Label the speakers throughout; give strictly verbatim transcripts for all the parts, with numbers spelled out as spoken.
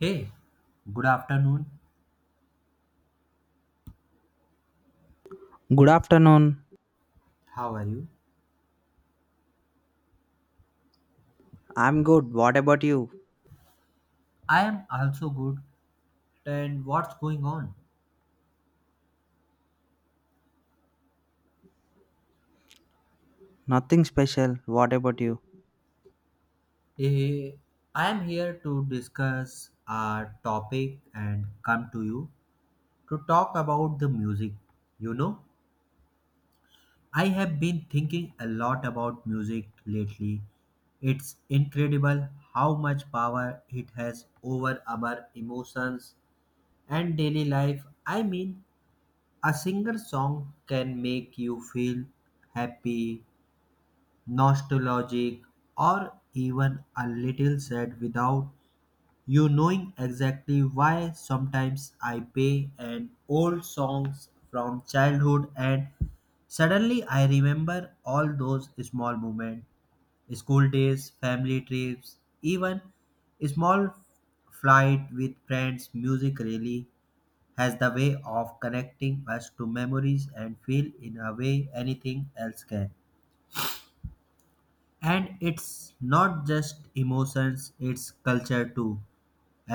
Speaker 1: Hey, good afternoon.
Speaker 2: Good afternoon.
Speaker 1: How are you?
Speaker 2: I'm good. What about you?
Speaker 1: I am also good. And what's going on?
Speaker 2: Nothing special. What about you?
Speaker 1: Eh, I am here to discuss our topic and come to you to talk about the music. You know, I have been thinking a lot about music lately. It's incredible how much power it has over our emotions and daily life. I mean, a single song can make you feel happy, nostalgic, or even a little sad without you knowing exactly why. Sometimes I play an old songs from childhood and suddenly I remember all those small moments, school days, family trips, even small flight with friends. Music really has the way of connecting us to memories and feel in a way anything else can. And it's not just emotions, it's culture too.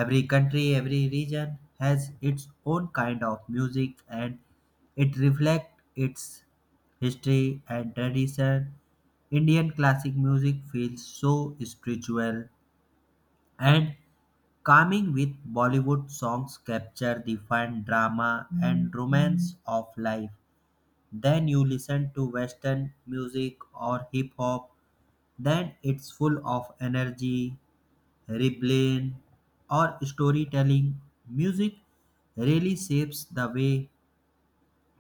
Speaker 1: Every country, every region has its own kind of music, and it reflects its history and tradition. Indian classic music feels so spiritual and calming, with Bollywood songs capture the fun, drama, and romance of life. Then you listen to western music or hip hop, then it's full of energy, rebellion, or storytelling. Music really shapes the way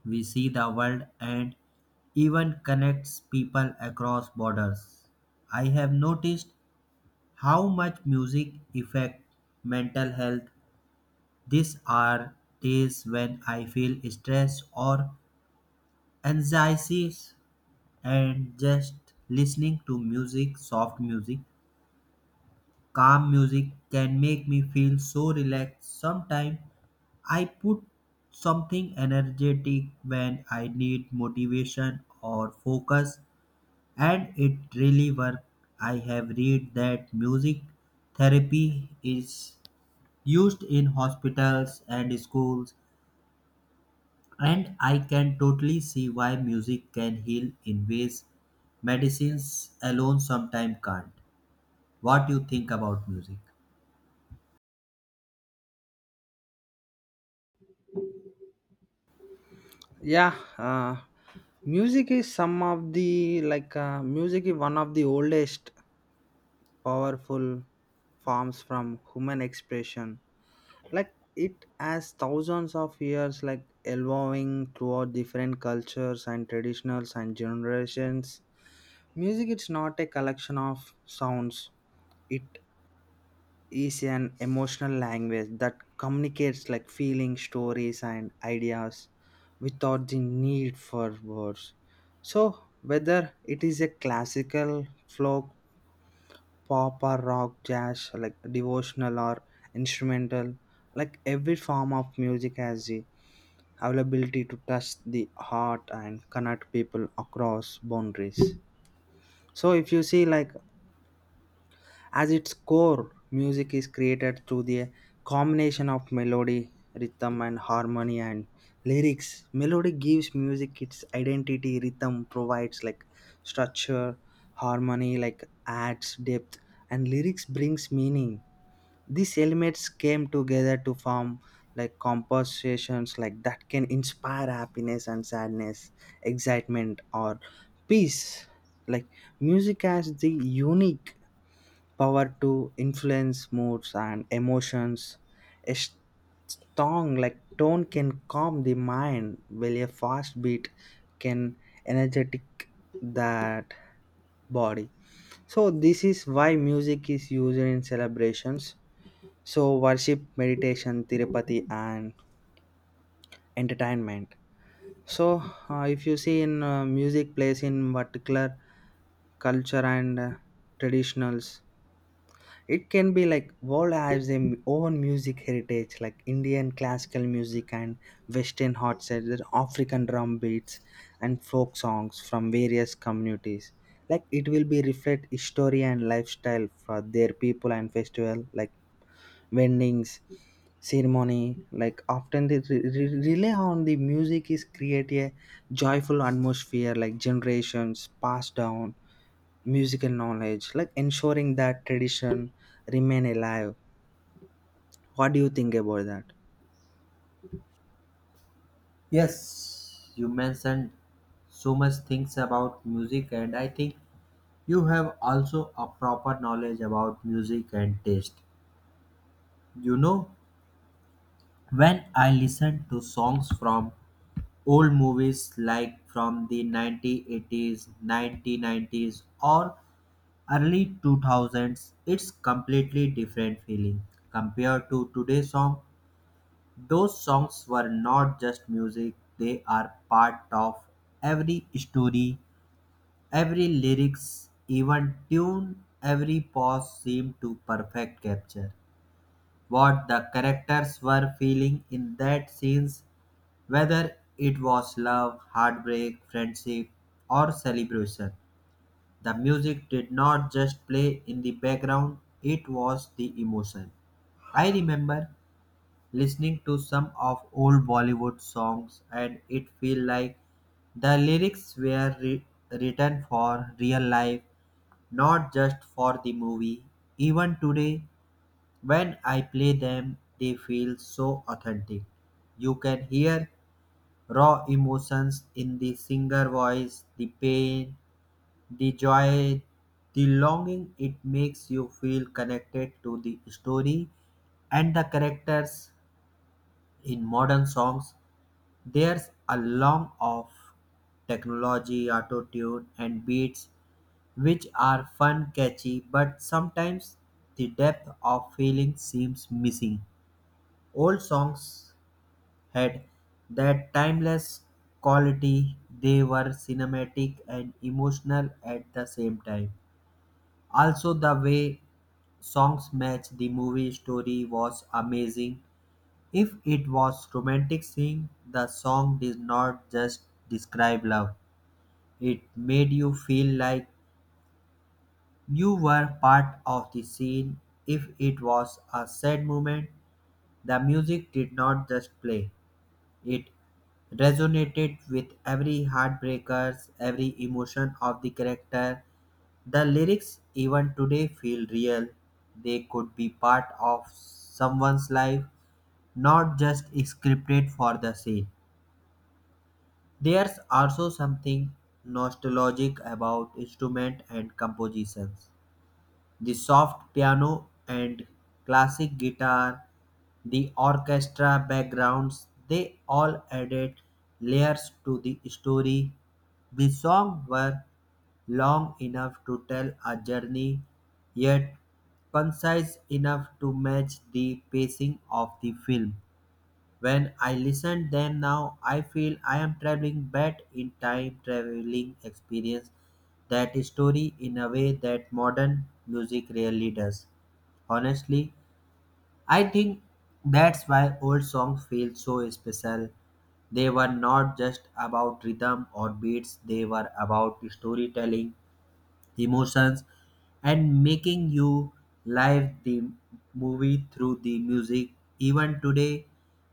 Speaker 1: we see the world and even connects people across borders. I have noticed how much music affects mental health. These are days when I feel stress or anxieties and just listening to music, soft music, calm music can make me feel so relaxed. Sometimes I put something energetic when I need motivation or focus, and it really works. I have read that music therapy is used in hospitals and schools, and I can totally see why music can heal in ways medicines alone sometimes can't. What do you think about music?
Speaker 2: yeah uh, music is some of the like uh, music is one of the oldest powerful forms from human expression like it has thousands of years like evolving throughout different cultures and traditionals and generations. Music is not a collection of sounds, it is an emotional language that communicates like feelings, stories, and ideas without the need for words. So, whether it is a classical, folk, pop, or rock, jazz, like devotional or instrumental, like every form of music has the availability to touch the heart and connect people across boundaries. So, if you see like as its core, music is created through the combination of melody, rhythm, and harmony and lyrics. Melody gives music its identity, rhythm provides like structure, harmony like adds depth, and lyrics brings meaning. These elements came together to form like compositions like that can inspire happiness and sadness, excitement or peace. Like music has the unique power to influence moods and emotions. A s- song like tone can calm the mind, while a fast beat can energetic that body. So this is why music is used in celebrations. So worship, meditation, Tirupati, and entertainment. So uh, if you see in uh, music plays in particular culture and uh, traditionals, it can be like world has their own music heritage like indian classical music and western hot sets, there are african drum beats and folk songs from various communities like it will be reflect history and lifestyle for their people and festival like vendings ceremony like often they re- re- rely on the music is create a joyful atmosphere like generations passed down musical knowledge like ensuring that tradition remain alive. What do you think about that?
Speaker 1: Yes, you mentioned so much things about music, and I think you have also a proper knowledge about music and taste. You know, when I listen to songs from old movies like from the nineteen eighties, nineteen nineties, or early two thousands, it's completely different feeling compared to today's song. Those songs were not just music, they are part of every story. Every lyrics, even tune, every pause seemed to perfect capture what the characters were feeling in that scenes, whether it was love, heartbreak, friendship, or celebration. The music did not just play in the background, it was the emotion. I remember listening to some of old Bollywood songs and it feel like the lyrics were re- written for real life, not just for the movie. Even today when I play them they feel so authentic. You can hear raw emotions in the singer voice, the pain, the joy, the longing. It makes you feel connected to the story and the characters. In modern songs there's a long of technology, auto-tune, and beats, which are fun, catchy, but sometimes the depth of feeling seems missing. Old songs had that timeless quality. They were cinematic and emotional at the same time. Also the way songs match the movie story was amazing. If it was romantic sing, the song did not just describe love, it made you feel like you were part of the scene. If it was a sad moment, the music did not just play. It resonated with every heartbreakers, every emotion of the character. The lyrics even today feel real. They could be part of someone's life, not just scripted for the scene. There's also something nostalgic about instrument and compositions, the soft piano and classic guitar, the orchestra backgrounds, they all added layers to the story. The songs were long enough to tell a journey, yet concise enough to match the pacing of the film. When I listen them now, I feel I am traveling back in time, traveling experience that story in a way that modern music rarely does. Honestly, I think that's why old songs feel so special. They were not just about rhythm or beats, they were about storytelling, emotions, and making you live the movie through the music. Even today,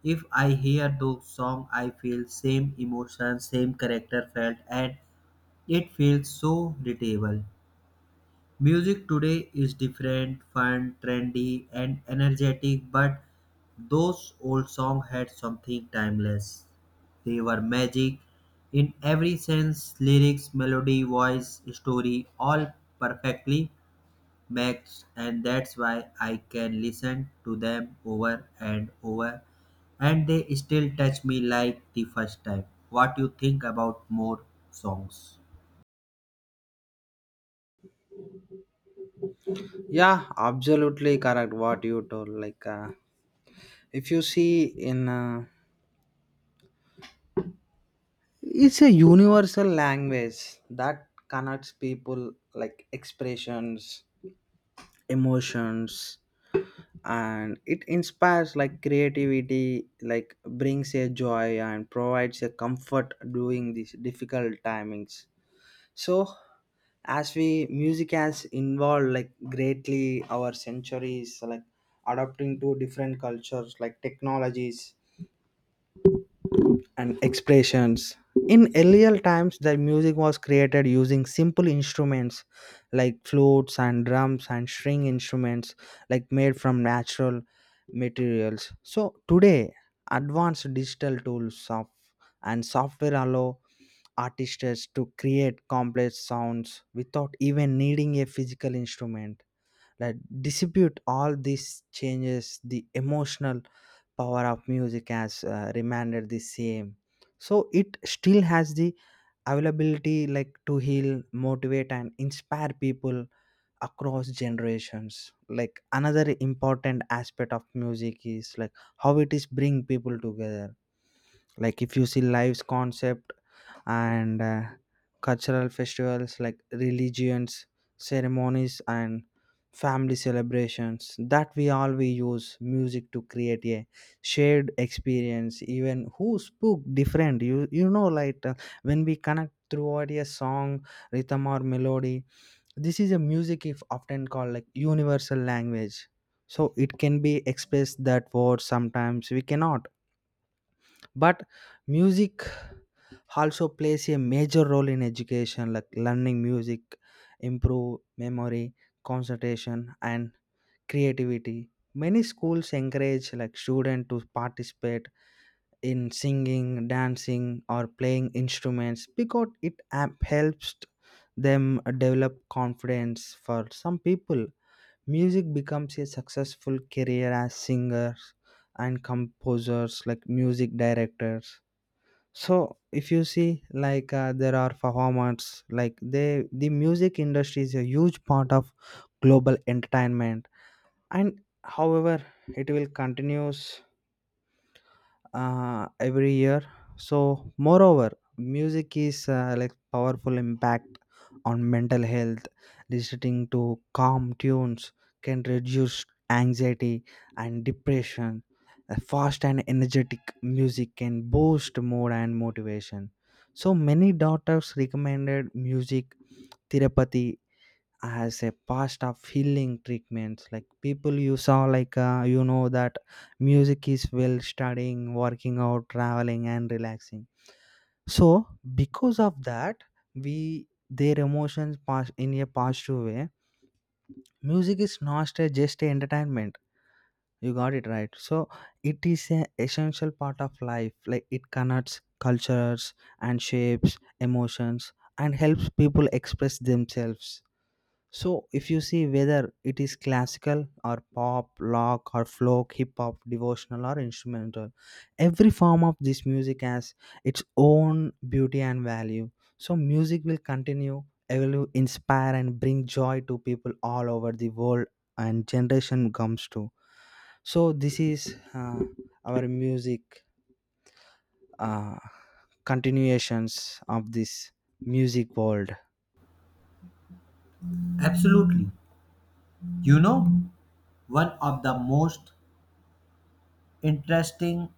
Speaker 1: if I hear those song, I feel same emotion, same character felt, and it feels so relatable. Music today is different, fun, trendy, and energetic, but those old songs had something timeless. They were magic in every sense, lyrics, melody, voice, story, all perfectly matched, and that's why I can listen to them over and over, and they still touch me like the first time. What you think about more songs?
Speaker 2: Yeah absolutely correct what you told like uh, if you see in uh, it's a universal language that connects people like expressions, emotions, and it inspires like creativity like brings a joy and provides a comfort during these difficult timings. So as we music has involved like greatly our centuries like adapting to different cultures like technologies and expressions. In earlier times the music was created using simple instruments like flutes and drums and string instruments like made from natural materials, so today advanced digital tools of and software allow artists to create complex sounds without even needing a physical instrument. Like dispute all these changes, the emotional power of music has uh, remained the same. So it still has the availability like to heal, motivate, and inspire people across generations. Like another important aspect of music is like how it is bring people together, like if you see lives concept and uh, cultural festivals like religions, ceremonies, and family celebrations, that we all we use music to create a shared experience even who spoke different you you know like uh, when we connect through a song, rhythm or melody. This is a music if often called like universal language, so it can be expressed that word sometimes we cannot. But music also plays a major role in education like learning music improve memory, concentration, and creativity. Many schools encourage like students to participate in singing, dancing, or playing instruments because it am- helps them develop confidence. For some people music becomes a successful career as singers and composers like music directors. So if you see like uh, there are performers like they the music industry is a huge part of global entertainment, and however it will continues uh, every year. So, moreover, music is uh, like powerful impact on mental health. Listening to calm tunes can reduce anxiety and depression. A fast and energetic music can boost mood and motivation. So, many doctors recommended music therapy as a past of healing treatments like people you saw like uh, you know that music is well studying, working out, traveling, and relaxing. So because of that we their emotions pass in a positive way. Music is not a, just a entertainment, you got it right. So it is an essential part of life like it connects cultures and shapes emotions and helps people express themselves. So, if you see whether it is classical or pop, rock or folk, hip hop, devotional or instrumental, every form of this music has its own beauty and value. So, music will continue, it will inspire and bring joy to people all over the world and generation comes to. So, this is uh, our music uh, continuations of this music world.
Speaker 1: Absolutely. You know, one of the most interesting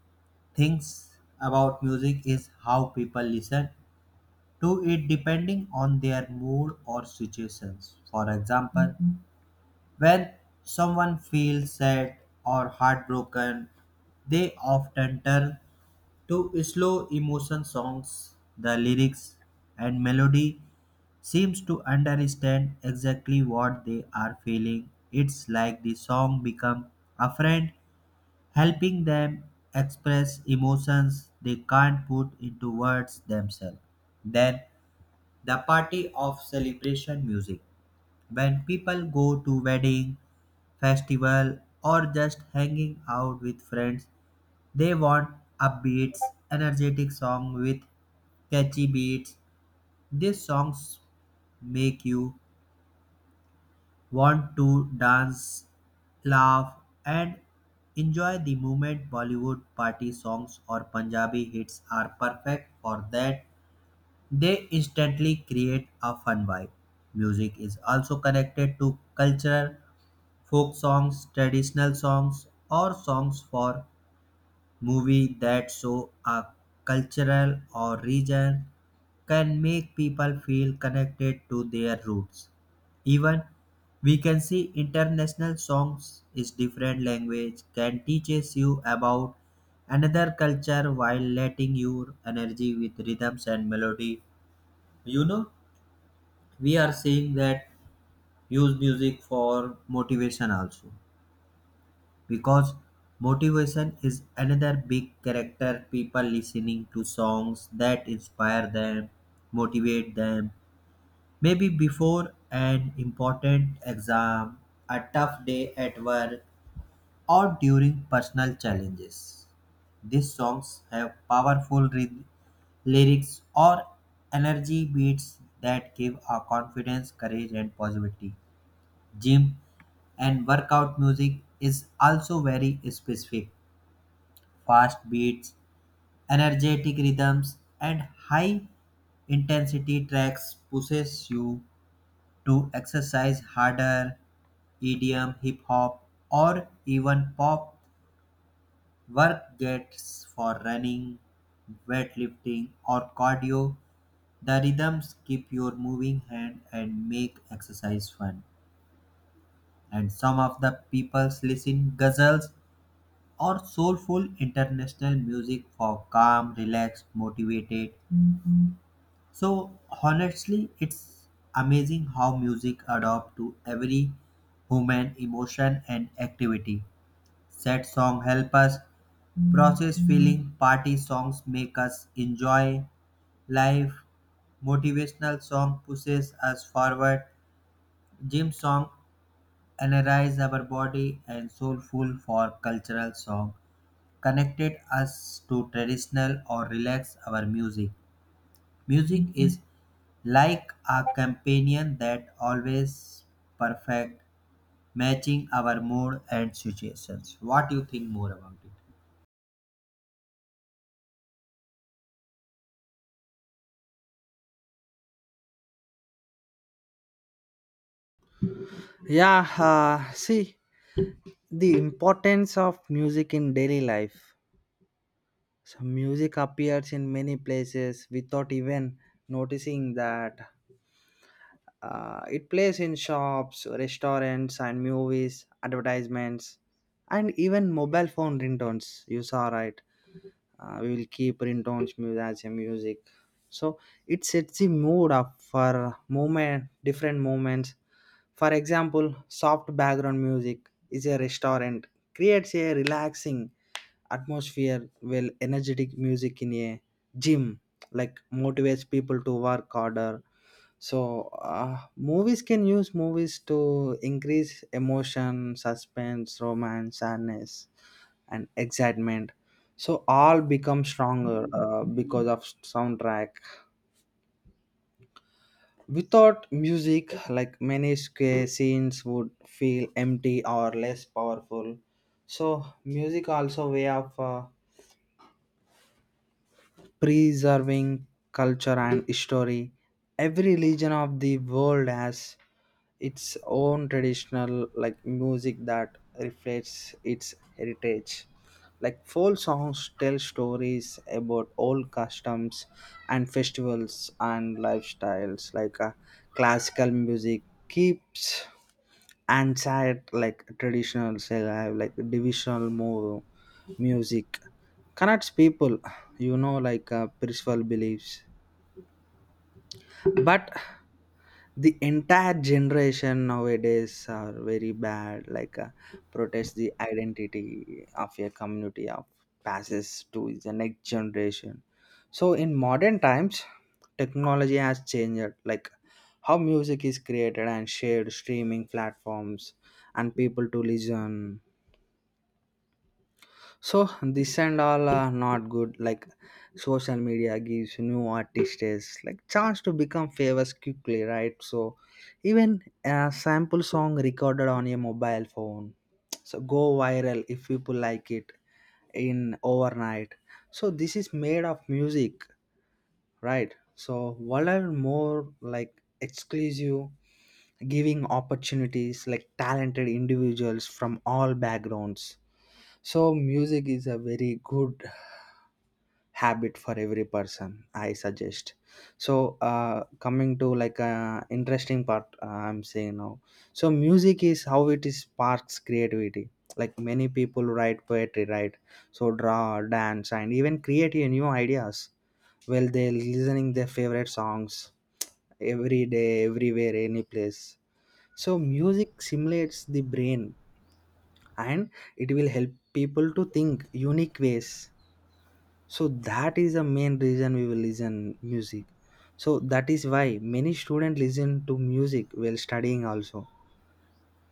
Speaker 1: things about music is how people listen to it depending on their mood or situations. For example, mhm, when someone feels sad or heartbroken, they often turn to slow emotion songs. The lyrics and melody seems to understand exactly what they are feeling. It's like the song become a friend helping them express emotions they can't put into words themselves. Then the party of celebration music. When people go to wedding, festival or just hanging out with friends, they want upbeats, energetic song with catchy beats. These songs make you want to dance, laugh, and enjoy the moment. Bollywood party songs or Punjabi hits are perfect for that. They instantly create a fun vibe. Music is also connected to culture, folk songs, traditional songs, or songs for movie that show a cultural or region can make people feel connected to their roots. Even we can see international songs is different language can teaches you about another culture while letting your energy with rhythms and melody. You know, we are seeing that use music for motivation also, because motivation is another big character. People listening to songs that inspire them, motivate them. Maybe before an important exam, a tough day at work, or during personal challenges. These songs have powerful ry- lyrics or energy beats that give our confidence, courage, and positivity. Gym and workout music is also very specific. Fast beats, energetic rhythms, and high intensity tracks pushes you to exercise harder. E D M, hip hop, or even pop work gets for running, weightlifting, or cardio. The rhythms keep your moving hand and make exercise fun. And some of the people listen guzzles or soulful international music for calm, relaxed, motivated. So honestly, it's amazing how music adapts to every human emotion and activity. Sad song help us process feeling, party songs make us enjoy life, motivational song pushes us forward, gym song energize our body, and soulful for cultural song connected us to traditional or relax our music. Music is like a companion that always perfect, matching our mood and situations. What do you think more about it?
Speaker 2: Yeah, uh, see the importance of music in daily life. So music appears in many places without even noticing that uh, it plays in shops, restaurants, and movies, advertisements, and even mobile phone ringtones, you saw right. Uh, we will keep ringtones mu- as a music, so it sets the mood up for moment different moments. For example, soft background music is a restaurant creates a relaxing atmosphere, well energetic music in a gym like motivates people to work harder. So uh, movies can use movies to increase emotion, suspense, romance, sadness, and excitement. So all become stronger uh, because of soundtrack. Without music like many sca- scenes would feel empty or less powerful. So music also way of uh, preserving culture and history. Every region of the world has its own traditional like music that reflects its heritage like folk songs tell stories about old customs and festivals and lifestyles. Like uh, classical music keeps and sad like traditional alive like divisional move music connects people, you know like uh, spiritual beliefs. But the entire generation nowadays are very bad like uh, protest the identity of a community of passes to the next generation. So in modern times technology has changed like how music is created and shared streaming platforms and people to listen. So this and all are not good. Like social media gives new artists like chance to become famous quickly, right? So even a sample song recorded on a mobile phone, so go viral if people like it in overnight. So this is made of music, right? So what are more like exclusive giving opportunities like talented individuals from all backgrounds. So music is a very good habit for every person I suggest. So uh, coming to like uh, interesting part uh, I'm saying now. So music is how it is sparks creativity, like many people write poetry right, so draw, dance, and even create a new ideas well they're listening their favorite songs every day, everywhere, any place. So music simulates the brain and it will help people to think unique ways. So that is the main reason we will listen music. So that is why many students listen to music while studying also,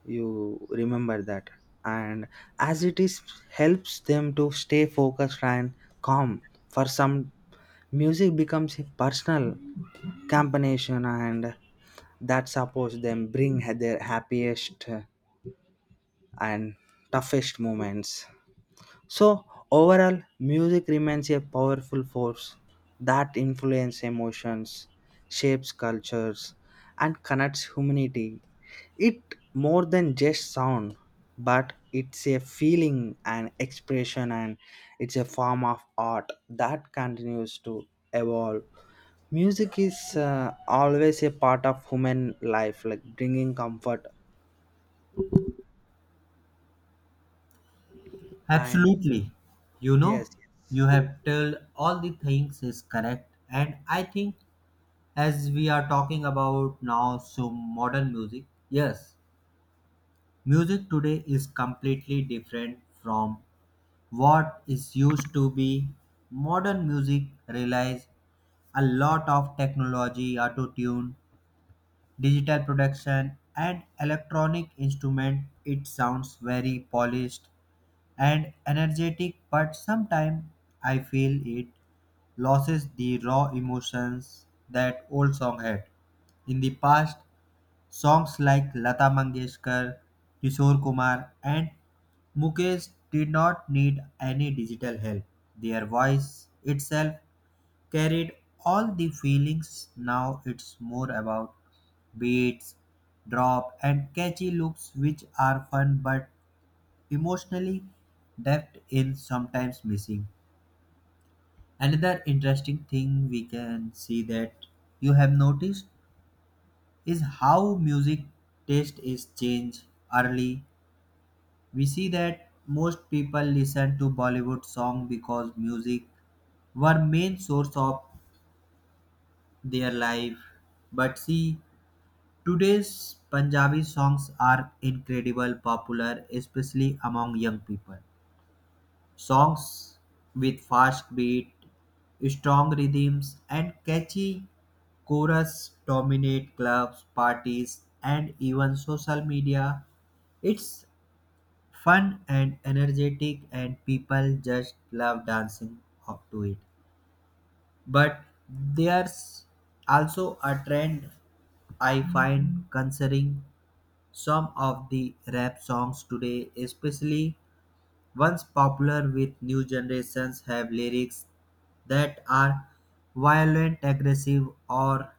Speaker 2: you remember that. And as it is helps them to stay focused and calm. For some, music becomes a personal combination and that supports them bring their happiest and toughest moments. So, overall, music remains a powerful force that influences emotions, shapes cultures, and connects humanity. It more than just sound, but it's a feeling and expression, and it's a form of art that continues to evolve. Music is uh, always a part of human life, like bringing comfort and
Speaker 1: Absolutely. You
Speaker 2: yes,
Speaker 1: know, you have told all the things is correct. And I think as we are talking about now so modern music, yes, music today is completely different from what is used to be. Modern music relies a lot of technology, auto tune, digital production, and electronic instrument. It sounds very polished and energetic but sometimes I feel it loses the raw emotions that old song had. In the past, songs like Lata Mangeshkar, Kishore Kumar, and Mukesh did not need any digital help. Their voice itself carried all the feelings. Now it's more about beats, drop, and catchy loops, which are fun but emotionally depth in sometimes missing. Another interesting thing we can see that you have noticed is how music taste is changed early. We see that most people listen to Bollywood song because music were main source of their life. But see, today's Punjabi songs are incredibly popular, especially among young people. Songs with fast beat, strong rhythms, and catchy chorus dominate clubs, parties, and even social media. It's fun and energetic, and people just love dancing up to it. But there's also a trend I find concerning. Some of the rap songs today, especially ones popular with new generations, have lyrics that are violent, aggressive, or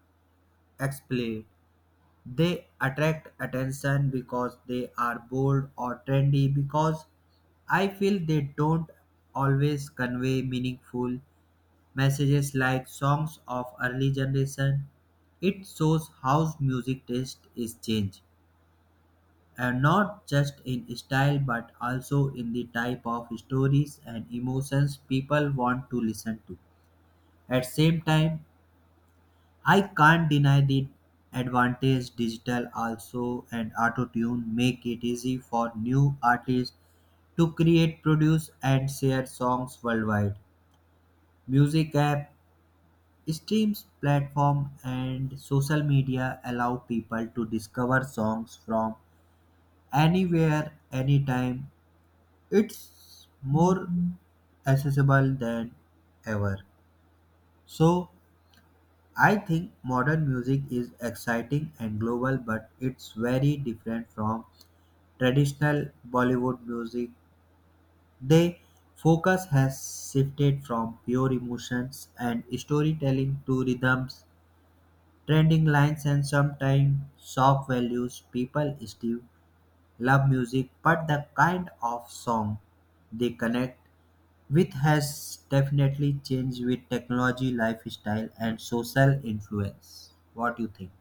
Speaker 1: explicit. They attract attention because they are bold or trendy, because I feel they don't always convey meaningful messages like songs of early generation. It shows how music taste is changed, and not just in style but also in the type of stories and emotions people want to listen to. At same time I can't deny the advantage digital also, and auto tune make it easy for new artists to create, produce, and share songs worldwide. Music app, streams platform, and social media allow people to discover songs from anywhere, anytime, it's more accessible than ever. So I think modern music is exciting and global, but it's very different from traditional Bollywood music. They focus has shifted from pure emotions and storytelling to rhythms, trending lines, and sometimes soft values. People still love music, but the kind of song they connect which has definitely changed with technology, lifestyle, and social influence. What do you think?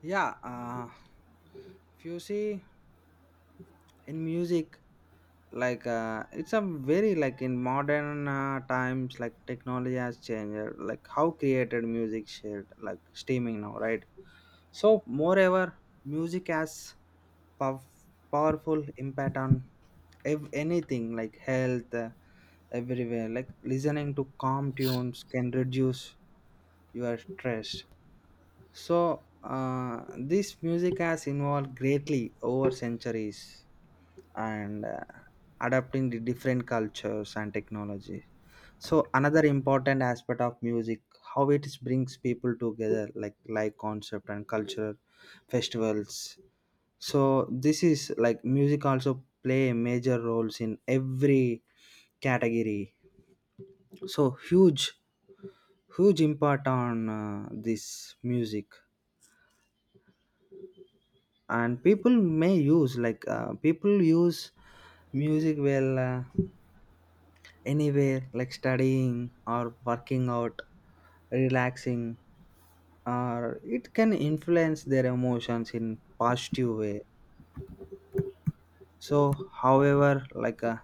Speaker 2: yeah. Uh, if you see in music, like uh, it's a very like in modern uh, times like technology has changed like how created music shared like streaming now, right? So moreover music has pow- powerful impact on ev- anything like health, uh, everywhere like listening to calm tunes can reduce your stress. So, uh, this music has evolved greatly over centuries and uh, adapting the different cultures and technology. So, another important aspect of music, how it is brings people together, like like concept and culture festivals. So, this is like music also play major roles in every category. So, huge, huge impact on uh, this music. And people may use like uh, people use music well uh, anywhere like studying or working out, relaxing, or it can influence their emotions in positive way. So however like uh,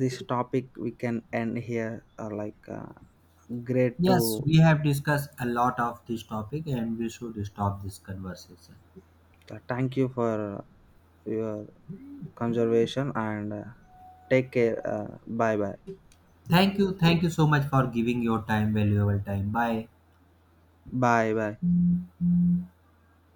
Speaker 2: this topic we can end here uh, like uh, great to
Speaker 1: Yes, we have discussed a lot of this topic and we should stop this conversation.
Speaker 2: uh, thank you for your conservation and uh, take care. Uh, bye bye.
Speaker 1: Thank you. Thank you so much for giving your time, valuable time. Bye.
Speaker 2: Bye bye.